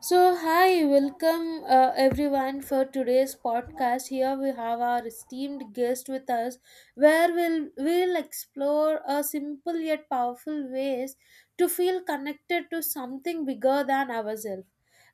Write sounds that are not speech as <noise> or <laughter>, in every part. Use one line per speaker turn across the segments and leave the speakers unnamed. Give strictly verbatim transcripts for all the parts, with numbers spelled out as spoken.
So, hi, welcome uh, everyone for today's podcast. Here we have our esteemed guest with us, where we'll, we'll explore a simple yet powerful ways to feel connected to something bigger than ourselves.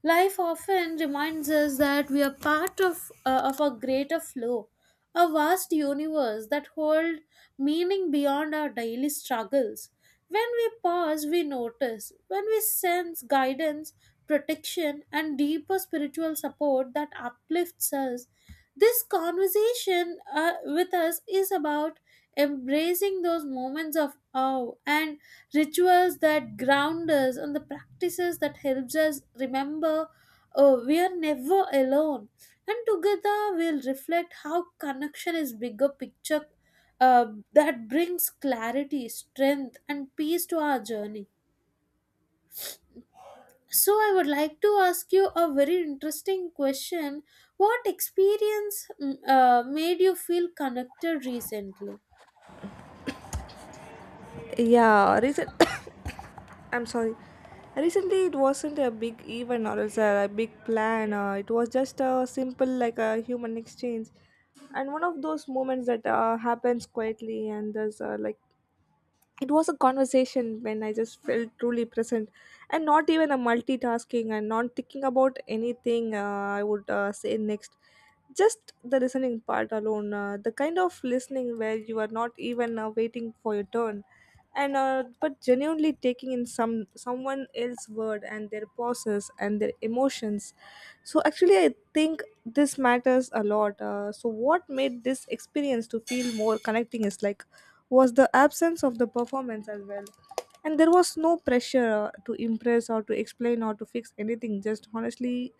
Life often reminds us that we are part of, uh, of a greater flow, a vast universe that holds meaning beyond our daily struggles. When we pause, we notice. When we sense guidance, protection, and deeper spiritual support that uplifts us. This conversation uh, with us is about embracing those moments of awe and rituals that ground us and the practices that helps us remember oh, we are never alone. And together we'll reflect how connection is bigger picture uh, that brings clarity, strength, and peace to our journey. So, I would like to ask you a very interesting question. What experience mm, uh, made you feel connected recently?
Yeah, recent. <coughs> I'm sorry. Recently, it wasn't a big event or else a big plan. Uh, it was just a simple, like a human exchange, and one of those moments that uh, happens quietly and there's uh, like it was a conversation when I just felt truly present and not even a multitasking and not thinking about anything uh, I would uh, say next. Just the listening part alone, uh, the kind of listening where you are not even uh, waiting for your turn, and uh, but genuinely taking in some someone else's word and their pauses and their emotions. So actually, I think this matters a lot. Uh, so, what made this experience to feel more connecting is like was the absence of the performance as well. And there was no pressure uh, to impress or to explain or to fix anything, just honestly,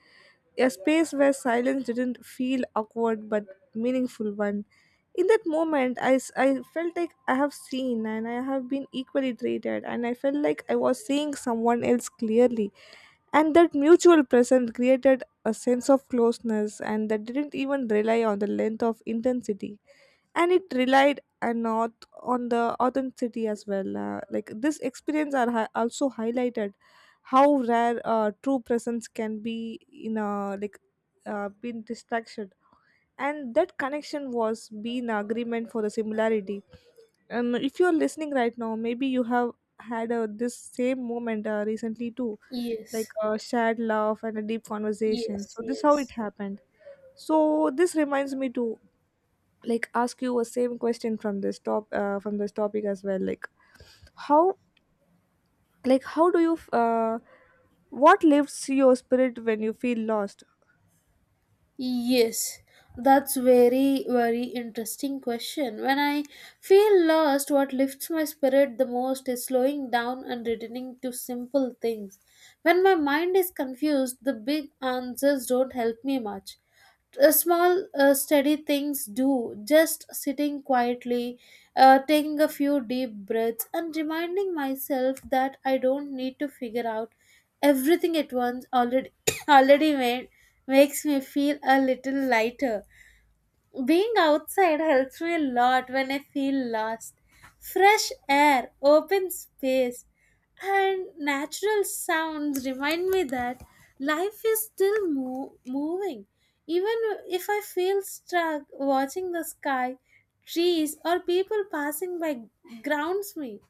a space where silence didn't feel awkward but meaningful one. In that moment, I, s- I felt like I have seen and I have been equally treated, and I felt like I was seeing someone else clearly, and that mutual presence created a sense of closeness, and that didn't even rely on the length of intensity, and it relied and not on the authenticity as well. Uh, like this experience are hi- also highlighted how rare uh, true presence can be in a like uh, been distraction, and that connection was being agreement for the similarity. And if you're listening right now, maybe you have had uh, this same moment uh, recently too, like
Yes,
a shared laugh and a deep conversation.
yes,
So this how it
yes.
happened. So this reminds me to like ask you a same question from this top uh, from this topic as well. Like how like how do you f- uh, what lifts your spirit when you feel lost?
Yes, that's very, very interesting question. When I feel lost, what lifts my spirit the most is slowing down and returning to simple things. When my mind is confused, the big answers don't help me much. Uh, small uh, steady things do, just sitting quietly, uh, taking a few deep breaths and reminding myself that I don't need to figure out everything at once, already <coughs> already made makes me feel a little lighter. Being outside helps me a lot when I feel lost. Fresh air, open space, and natural sounds remind me that life is still mo- moving. Even if I feel stuck, watching the sky, trees, or people passing by grounds me.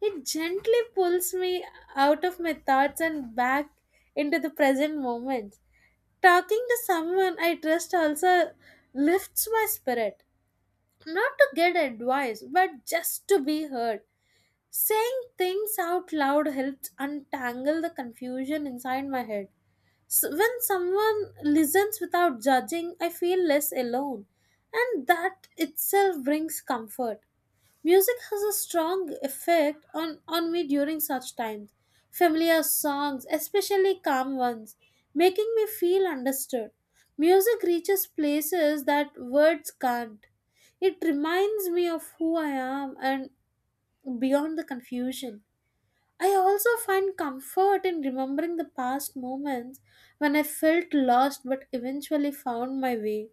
It gently pulls me out of my thoughts and back into the present moment. Talking to someone I trust also lifts my spirit. Not to get advice, but just to be heard. Saying things out loud helps untangle the confusion inside my head. So when someone listens without judging, I feel less alone, and that itself brings comfort. Music has a strong effect on, on me during such times. Familiar songs, especially calm ones, making me feel understood. Music reaches places that words can't. It reminds me of who I am and beyond the confusion. I also find comfort in remembering the past moments when I felt lost but eventually found my way.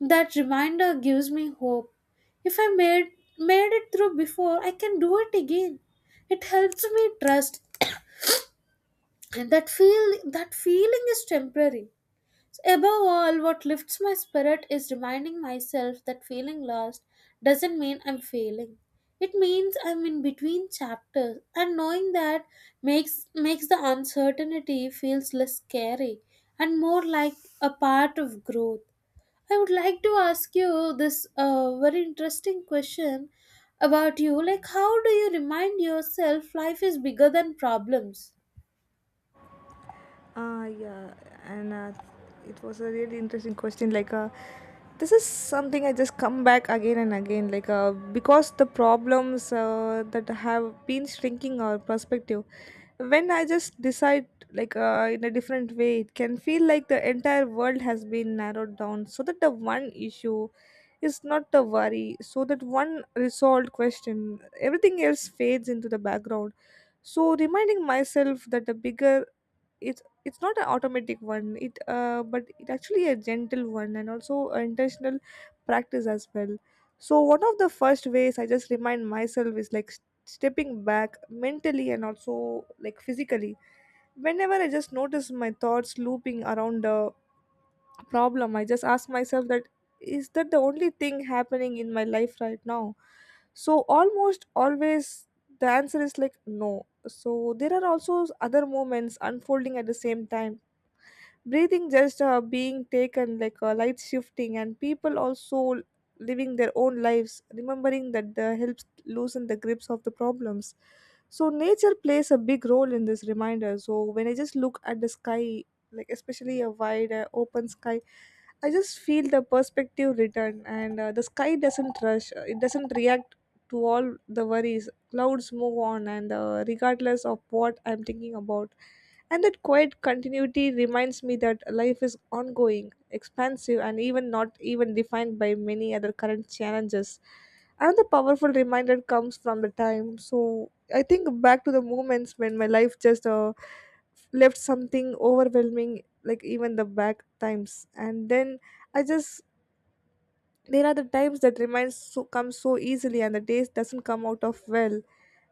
That reminder gives me hope. If I made made it through before, I can do it again. It helps me trust and that feel that feeling is temporary. Above all, what lifts my spirit is reminding myself that feeling lost doesn't mean I'm failing. It means I'm in between chapters, and knowing that makes makes the uncertainty feels less scary and more like a part of growth. I would like to ask you this uh, very interesting question about you. Like, how do you remind yourself life is bigger than problems?
Ah, yeah, and uh, it was a really interesting question. Like, uh, this is something I just come back again and again. Like, uh, because the problems uh, that have been shrinking our perspective, when I just decide like uh, in a different way, it can feel like the entire world has been narrowed down, so that the one issue is not a worry, so that one resolved question, everything else fades into the background. So reminding myself that the bigger it's it's not an automatic one it uh, but it actually a gentle one and also a intentional practice as well. So one of the first ways I just remind myself is like s- stepping back mentally and also like physically. Whenever I just notice my thoughts looping around a problem, I just ask myself that is that the only thing happening in my life right now? So almost always the answer is like no, so there are also other moments unfolding at the same time, breathing, just uh, being taken like a light shifting, and people also living their own lives, remembering that the helps loosen the grips of the problems. So nature plays a big role in this reminder. So when I just look at the sky, like especially a wide uh, open sky, I just feel the perspective return, and uh, the sky doesn't rush, uh, it doesn't react to all the worries. Clouds move on, and uh, regardless of what I'm thinking about, and that quiet continuity reminds me that life is ongoing, expansive, and even not even defined by many other current challenges. Another powerful reminder comes from the time. So I think back to the moments when my life just uh, left something overwhelming, like even the back times. And then I just there are the times that reminds so, come so easily and the days doesn't come out of well.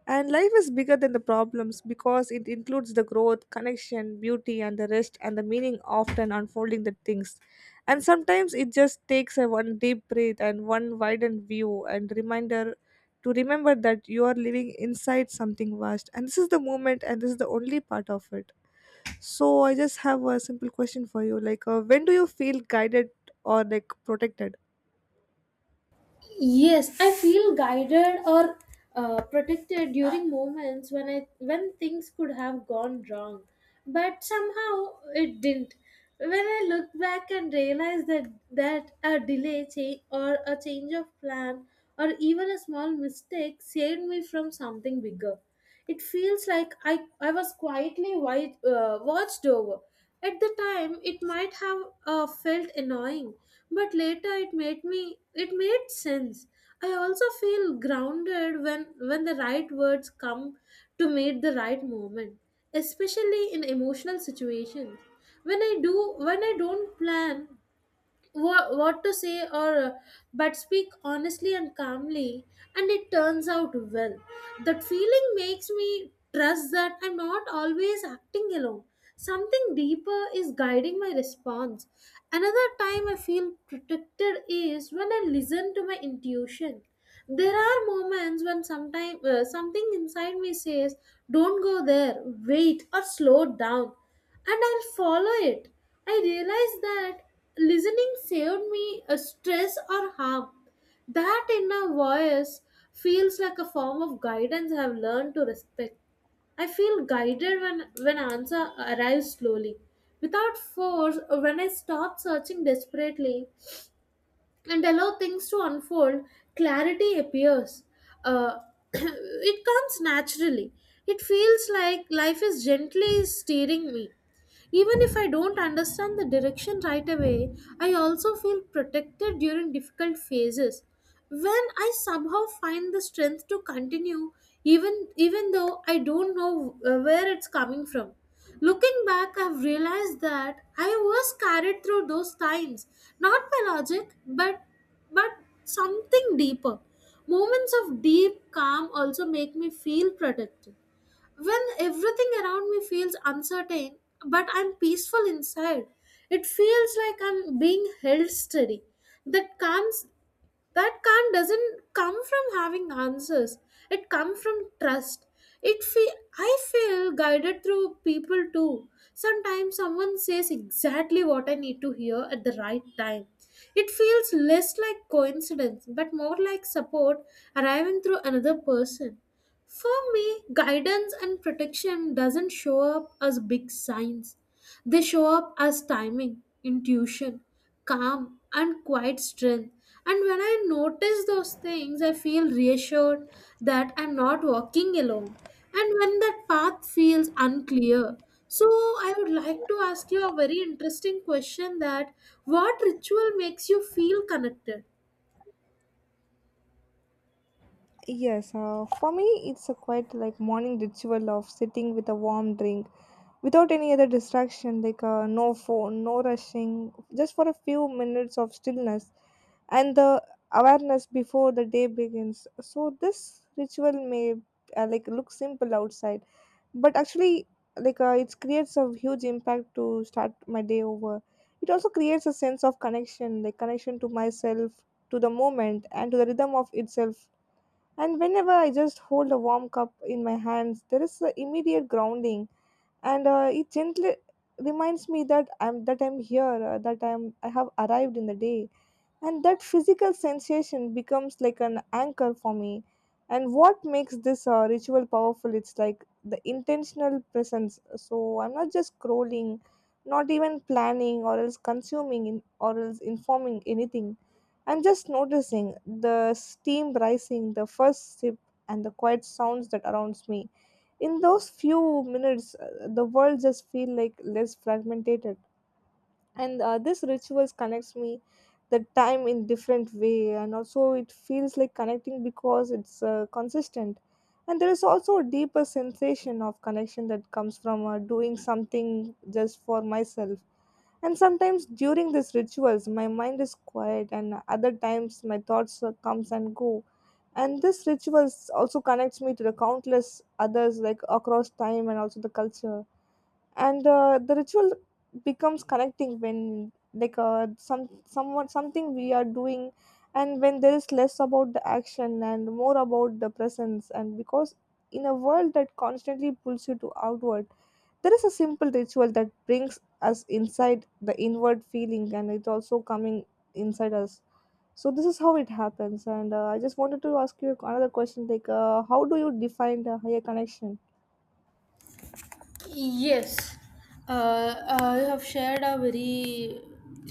And life is bigger than the problems because it includes the growth, connection, beauty, and the rest and the meaning often unfolding the things. And sometimes it just takes a one deep breath and one widened view and reminder to remember that you are living inside something vast. And this is the moment and this is the only part of it. So I just have a simple question for you like, uh, when do you feel guided or like protected?
Yes, I feel guided or uh, protected during moments when I when things could have gone wrong, but somehow it didn't. When I look back and realize that that a delay cha- or a change of plan or even a small mistake saved me from something bigger. It feels like I, I was quietly wi- uh, watched over. At the time, it might have uh, felt annoying, but later it made me it made sense. I also feel grounded when when the right words come to meet the right moment, especially in emotional situations. When I do when I don't plan what, what to say, or uh, but speak honestly and calmly, and it turns out well, that feeling makes me trust that I'm not always acting alone. Something deeper is guiding my response. Another time I feel protected is when I listen to my intuition. There are moments when sometime uh, something inside me says don't go there, wait, or slow down, and I'll follow it. I realized that listening saved me a stress or harm. That inner voice feels like a form of guidance I have learned to respect. I feel guided when, when answer arrives slowly. Without force, or when I stop searching desperately, and allow things to unfold, clarity appears. Uh, <clears throat> it comes naturally. It feels like life is gently steering me. Even if I don't understand the direction right away, I also feel protected during difficult phases when I somehow find the strength to continue, even even though I don't know uh, where it's coming from. Looking back, I've realized that I was carried through those times not by logic but but something deeper. Moments of deep calm also make me feel protected when everything around me feels uncertain, but I'm peaceful inside. It feels like I'm being held steady. That comes that can't doesn't come from having answers. It comes from trust. It feel I feel guided through people too. Sometimes someone says exactly what I need to hear at the right time. It feels less like coincidence but more like support arriving through another person. For me, guidance and protection doesn't show up as big signs. They show up as timing, intuition, calm, and quiet strength. And when I notice those things, I feel reassured that I'm not walking alone. And when that path feels unclear, so I would like to ask you a very interesting question that, what ritual makes you feel connected?
Yes, uh, for me, it's a quite like morning ritual of sitting with a warm drink without any other distraction, like uh, no phone, no rushing, just for a few minutes of stillness and the awareness before the day begins. So, this ritual may uh, like look simple outside, but actually, like uh, it creates a huge impact to start my day over. It also creates a sense of connection, like connection to myself, to the moment, and to the rhythm of itself. And whenever I just hold a warm cup in my hands, there is an immediate grounding, and uh, it gently reminds me that I'm that I'm here, uh, that I'm I have arrived in the day, and that physical sensation becomes like an anchor for me. And what makes this uh, ritual powerful it's like the intentional presence. So I'm not just scrolling, not even planning or else consuming in, or else informing anything. I'm just noticing the steam rising, the first sip, and the quiet sounds that surrounds me. In those few minutes, uh, the world just feel like less fragmented, and uh, this rituals connects me the time in different way, and also it feels like connecting because it's uh, consistent. And there is also a deeper sensation of connection that comes from uh, doing something just for myself. And sometimes during these rituals my mind is quiet and other times my thoughts uh, comes and go. And this rituals also connects me to the countless others like across time and also the culture. And uh, the ritual becomes connecting when like uh, some someone something we are doing, and when there is less about the action and more about the presence. And because in a world that constantly pulls you to outward, there is a simple ritual that brings us inside the inward feeling, and it's also coming inside us. So this is how it happens, and uh, I just wanted to ask you another question like, uh, how do you define the higher connection?
Yes, uh, uh, you have shared a very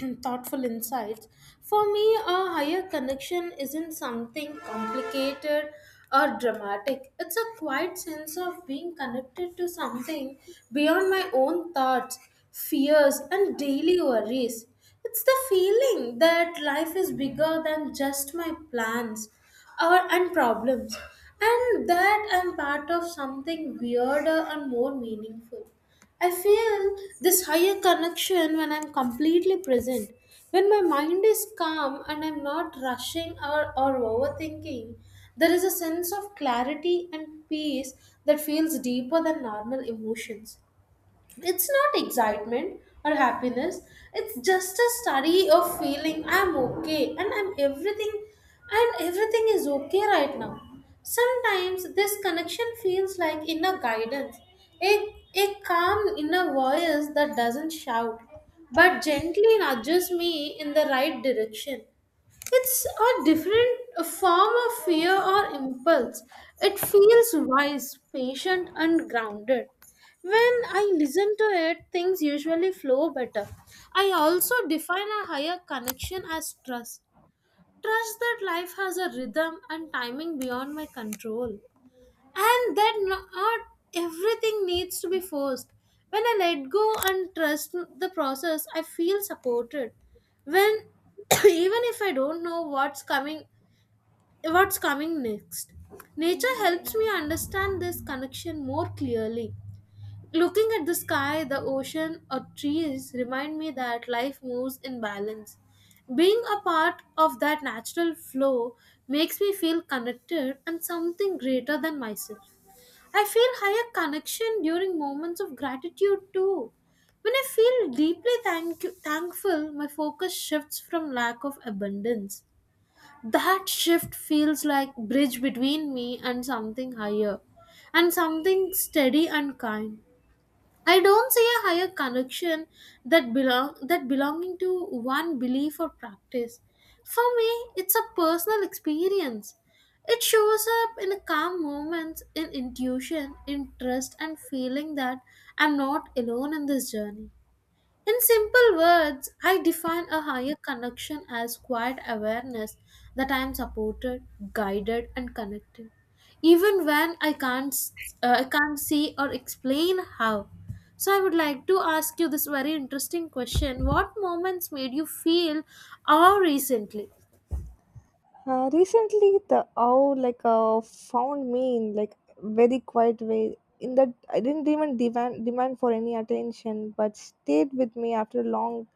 <clears throat> thoughtful insights. For me, a higher connection isn't something complicated or dramatic. It's a quiet sense of being connected to something beyond my own thoughts, fears, and daily worries. It's the feeling that life is bigger than just my plans or and problems, and that I'm part of something weirder and more meaningful. I feel this higher connection when I'm completely present, when my mind is calm and I'm not rushing or, or overthinking. There is a sense of clarity and peace that feels deeper than normal emotions. It's not excitement or happiness, it's just a study of feeling I'm okay and I'm everything and everything is okay right now. Sometimes this connection feels like inner guidance, a, a calm inner voice that doesn't shout but gently nudges me in the right direction. It's a different form of fear or impulse. It feels wise, patient, and grounded. When I listen to it, things usually flow better. I also define a higher connection as trust. Trust that life has a rhythm and timing beyond my control and that not everything needs to be forced. When I let go and trust the process, I feel supported when <coughs> <clears throat> even if I don't know what's coming what's coming next. Nature helps me understand this connection more clearly. Looking at the sky, the ocean or trees remind me that life moves in balance. Being a part of that natural flow makes me feel connected and something greater than myself. I feel higher connection during moments of gratitude too. When I feel deeply thank- thankful, my focus shifts from lack of abundance. That shift feels like bridge between me and something higher and something steady and kind. I don't see a higher connection that belong that belonging to one belief or practice. For me, it's a personal experience. It shows up in calm moments, in intuition, in trust, and feeling that I'm not alone in this journey. In simple words, I define a higher connection as quiet awareness that I am supported, guided, and connected, even when I can't uh, I can't see or explain how. So I would like to ask you this very interesting question: What moments made you feel awe recently?
Uh, recently, the owl like uh, found me in like very quiet way. In that, I didn't even demand demand for any attention, but stayed with me after a long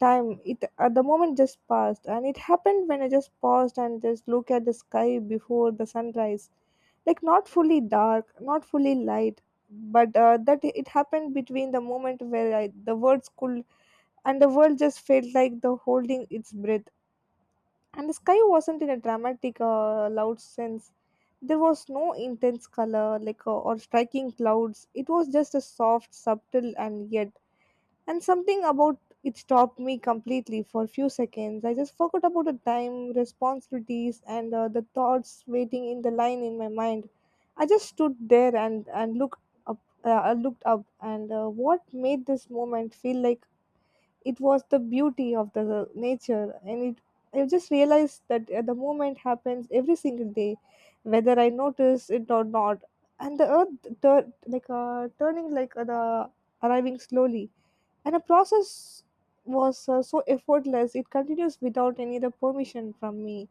time. It at the moment just passed, and it happened when I just paused and just look at the sky before the sunrise, like not fully dark, not fully light, but uh, that it happened between the moment where I, the words could, and the world just felt like the holding its breath. And the sky wasn't in a dramatic, uh, loud sense. There was no intense color, like uh, or striking clouds. It was just a soft, subtle, and yet. And something about it stopped me completely for a few seconds. I just forgot about the time, responsibilities, and uh, the thoughts waiting in the line in my mind. I just stood there and and looked up. Uh, I looked up, and uh, what made this moment feel like it was the beauty of the nature, and it I just realized that uh, the movement happens every single day, whether I notice it or not. And the earth tur- like uh, turning like uh, the arriving slowly, and the process was uh, so effortless. It continues without any other permission from me.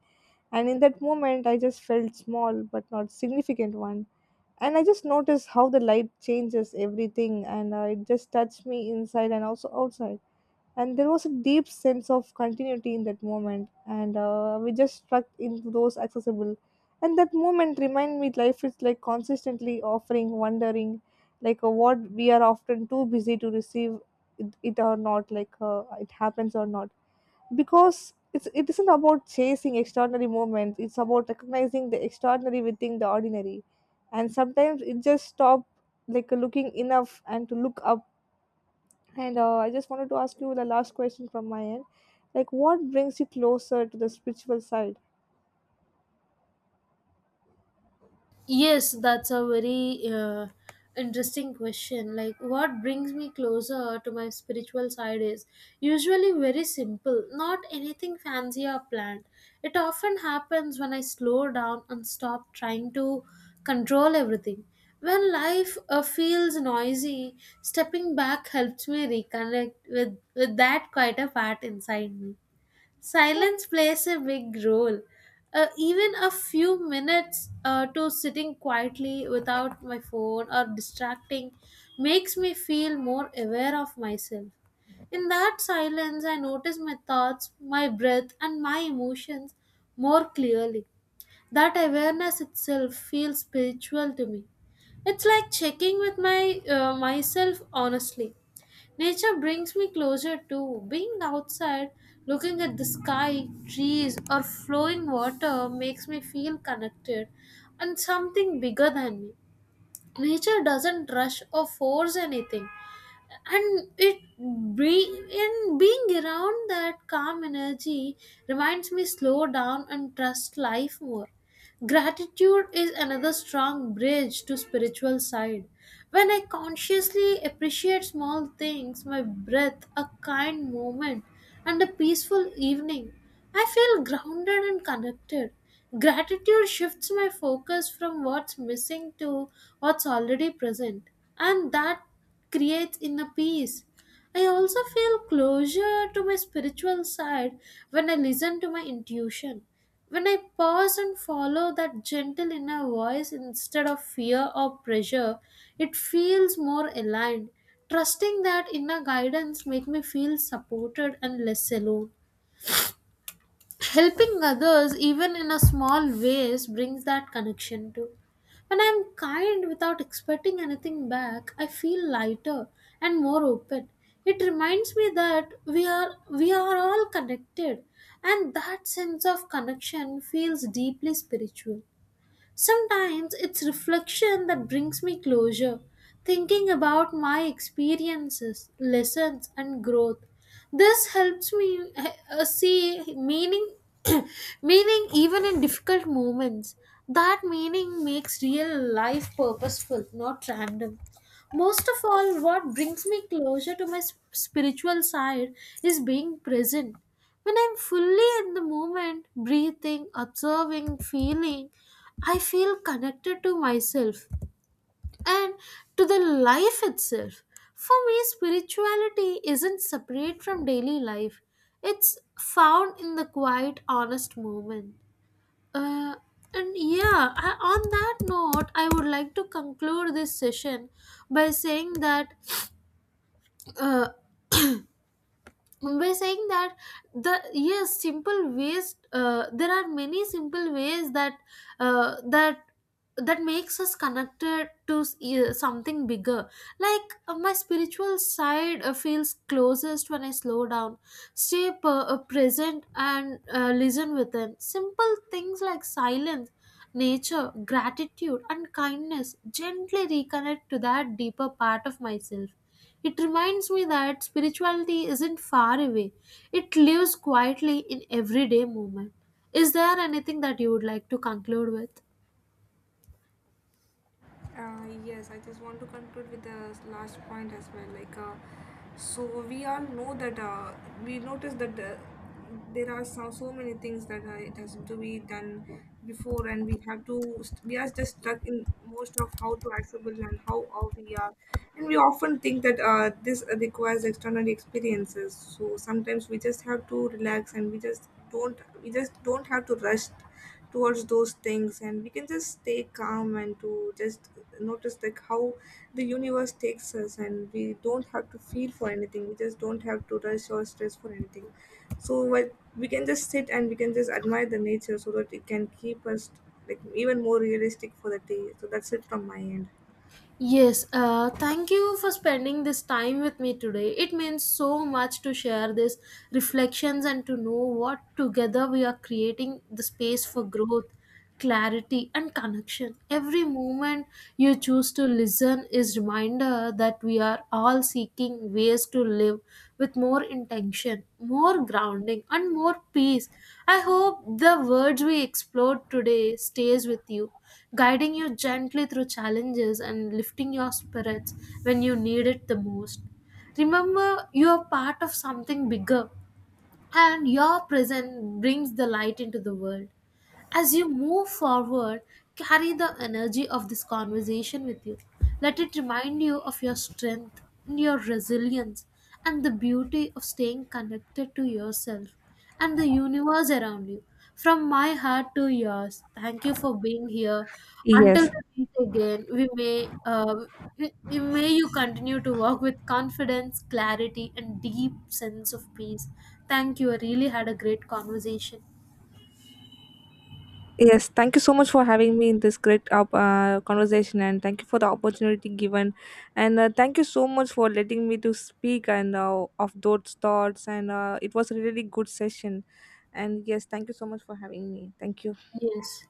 And in that moment I just felt small but not significant one. And I just noticed how the light changes everything, and uh, it just touched me inside and also outside. And there was a deep sense of continuity in that moment, and uh, we just struck into those accessible. And that moment reminded me life is like consistently offering wondering, like uh, what we are often too busy to receive it, it or not like uh, it happens or not. Because it's it isn't about chasing extraordinary moments, it's about recognizing the extraordinary within the ordinary. And sometimes it just stop like looking enough and to look up. And uh, I just wanted to ask you the last question from my end. Like, what brings you closer to the spiritual side?
Yes, that's a very uh, interesting question. Like, what brings me closer to my spiritual side is usually very simple, not anything fancy or planned. It often happens when I slow down and stop trying to control everything. When life uh, feels noisy, stepping back helps me reconnect with, with that quieter part inside me. Silence plays a big role. Uh, even a few minutes uh, to sitting quietly without my phone or distracting makes me feel more aware of myself. In that silence, I notice my thoughts, my breath, and my emotions more clearly. That awareness itself feels spiritual to me. It's like checking with my uh, myself honestly. Nature brings me closer to being outside, looking at the sky, trees, or flowing water makes me feel connected and something bigger than me. Nature doesn't rush or force anything, and it be in being around that calm energy reminds me slow down and trust life more. Gratitude is another strong bridge to spiritual side. When I consciously appreciate small things, my breath, a kind moment, and a peaceful evening, I feel grounded and connected. Gratitude shifts my focus from what's missing to what's already present, and that creates inner peace. I also feel closure to my spiritual side when I listen to my intuition. When I pause and follow that gentle inner voice instead of fear or pressure, it feels more aligned. Trusting that inner guidance makes me feel supported and less alone. Helping others even in a small ways brings that connection too. When I'm kind without expecting anything back, I feel lighter and more open. It reminds me that we are we are all connected, and that sense of connection feels deeply spiritual. Sometimes it's reflection that brings me closure, thinking about my experiences, lessons, and growth. This helps me uh, see meaning, <coughs> <clears throat> meaning even in difficult moments. That meaning makes real life purposeful, not random. Most of all, what brings me closer to my s- spiritual side is being present. When I'm fully in the moment, breathing, observing, feeling, I feel connected to myself and to the life itself. For me, spirituality isn't separate from daily life, it's found in the quiet, honest moment. Uh, and yeah, I, on that note, I would like to conclude this session by saying that, uh, we're saying that the yes simple ways, uh, there are many simple ways that uh, that that makes us connected to s- uh, something bigger. Like, uh, my spiritual side uh, feels closest when I slow down, stay p- uh, present, and uh, listen within. Simple things like silence, nature, gratitude and kindness gently reconnect to that deeper part of myself. It reminds me that spirituality isn't far away, it lives quietly in everyday movement. Is there anything that you would like to conclude with?
Uh, yes, I just want to conclude with the last point as well. Like, uh, so we all know that uh, we notice that uh, there are so, so many things that uh, it has to be done before, and we have to st- we are just stuck in most of how to accessible and how all we are, and we often think that uh, this requires external experiences. So sometimes we just have to relax, and we just don't we just don't have to rush towards those things, and we can just stay calm and to just notice like how the universe takes us, and we don't have to feel for anything. We just don't have to rush or stress for anything. So what we can just sit and we can just admire the nature, so that it can keep us like even more realistic for the day. So that's it from my end.
Yes, uh, thank you for spending this time with me today. It means so much to share these reflections and to know what together we are creating the space for growth, clarity, and connection. Every moment you choose to listen is reminder that we are all seeking ways to live with more intention, more grounding, and more peace. I hope the words we explored today stays with you, guiding you gently through challenges and lifting your spirits when you need it the most. Remember, you are part of something bigger, and your presence brings the light into the world. As you move forward, carry the energy of this conversation with you. Let it remind you of your strength and your resilience and the beauty of staying connected to yourself and the universe around you. From my heart to yours, thank you for being here. Until
Yes,
we meet again, we may, uh, we- we may you continue to walk with confidence, clarity, and deep sense of peace. Thank you. I really had a great conversation.
yes, thank you so much for having me in this great uh, uh, conversation, and thank you for the opportunity given, and uh, thank you so much for letting me to speak and uh, of those thoughts, and uh, it was a really good session, and yes, thank you so much for having me. Thank you.
Yes.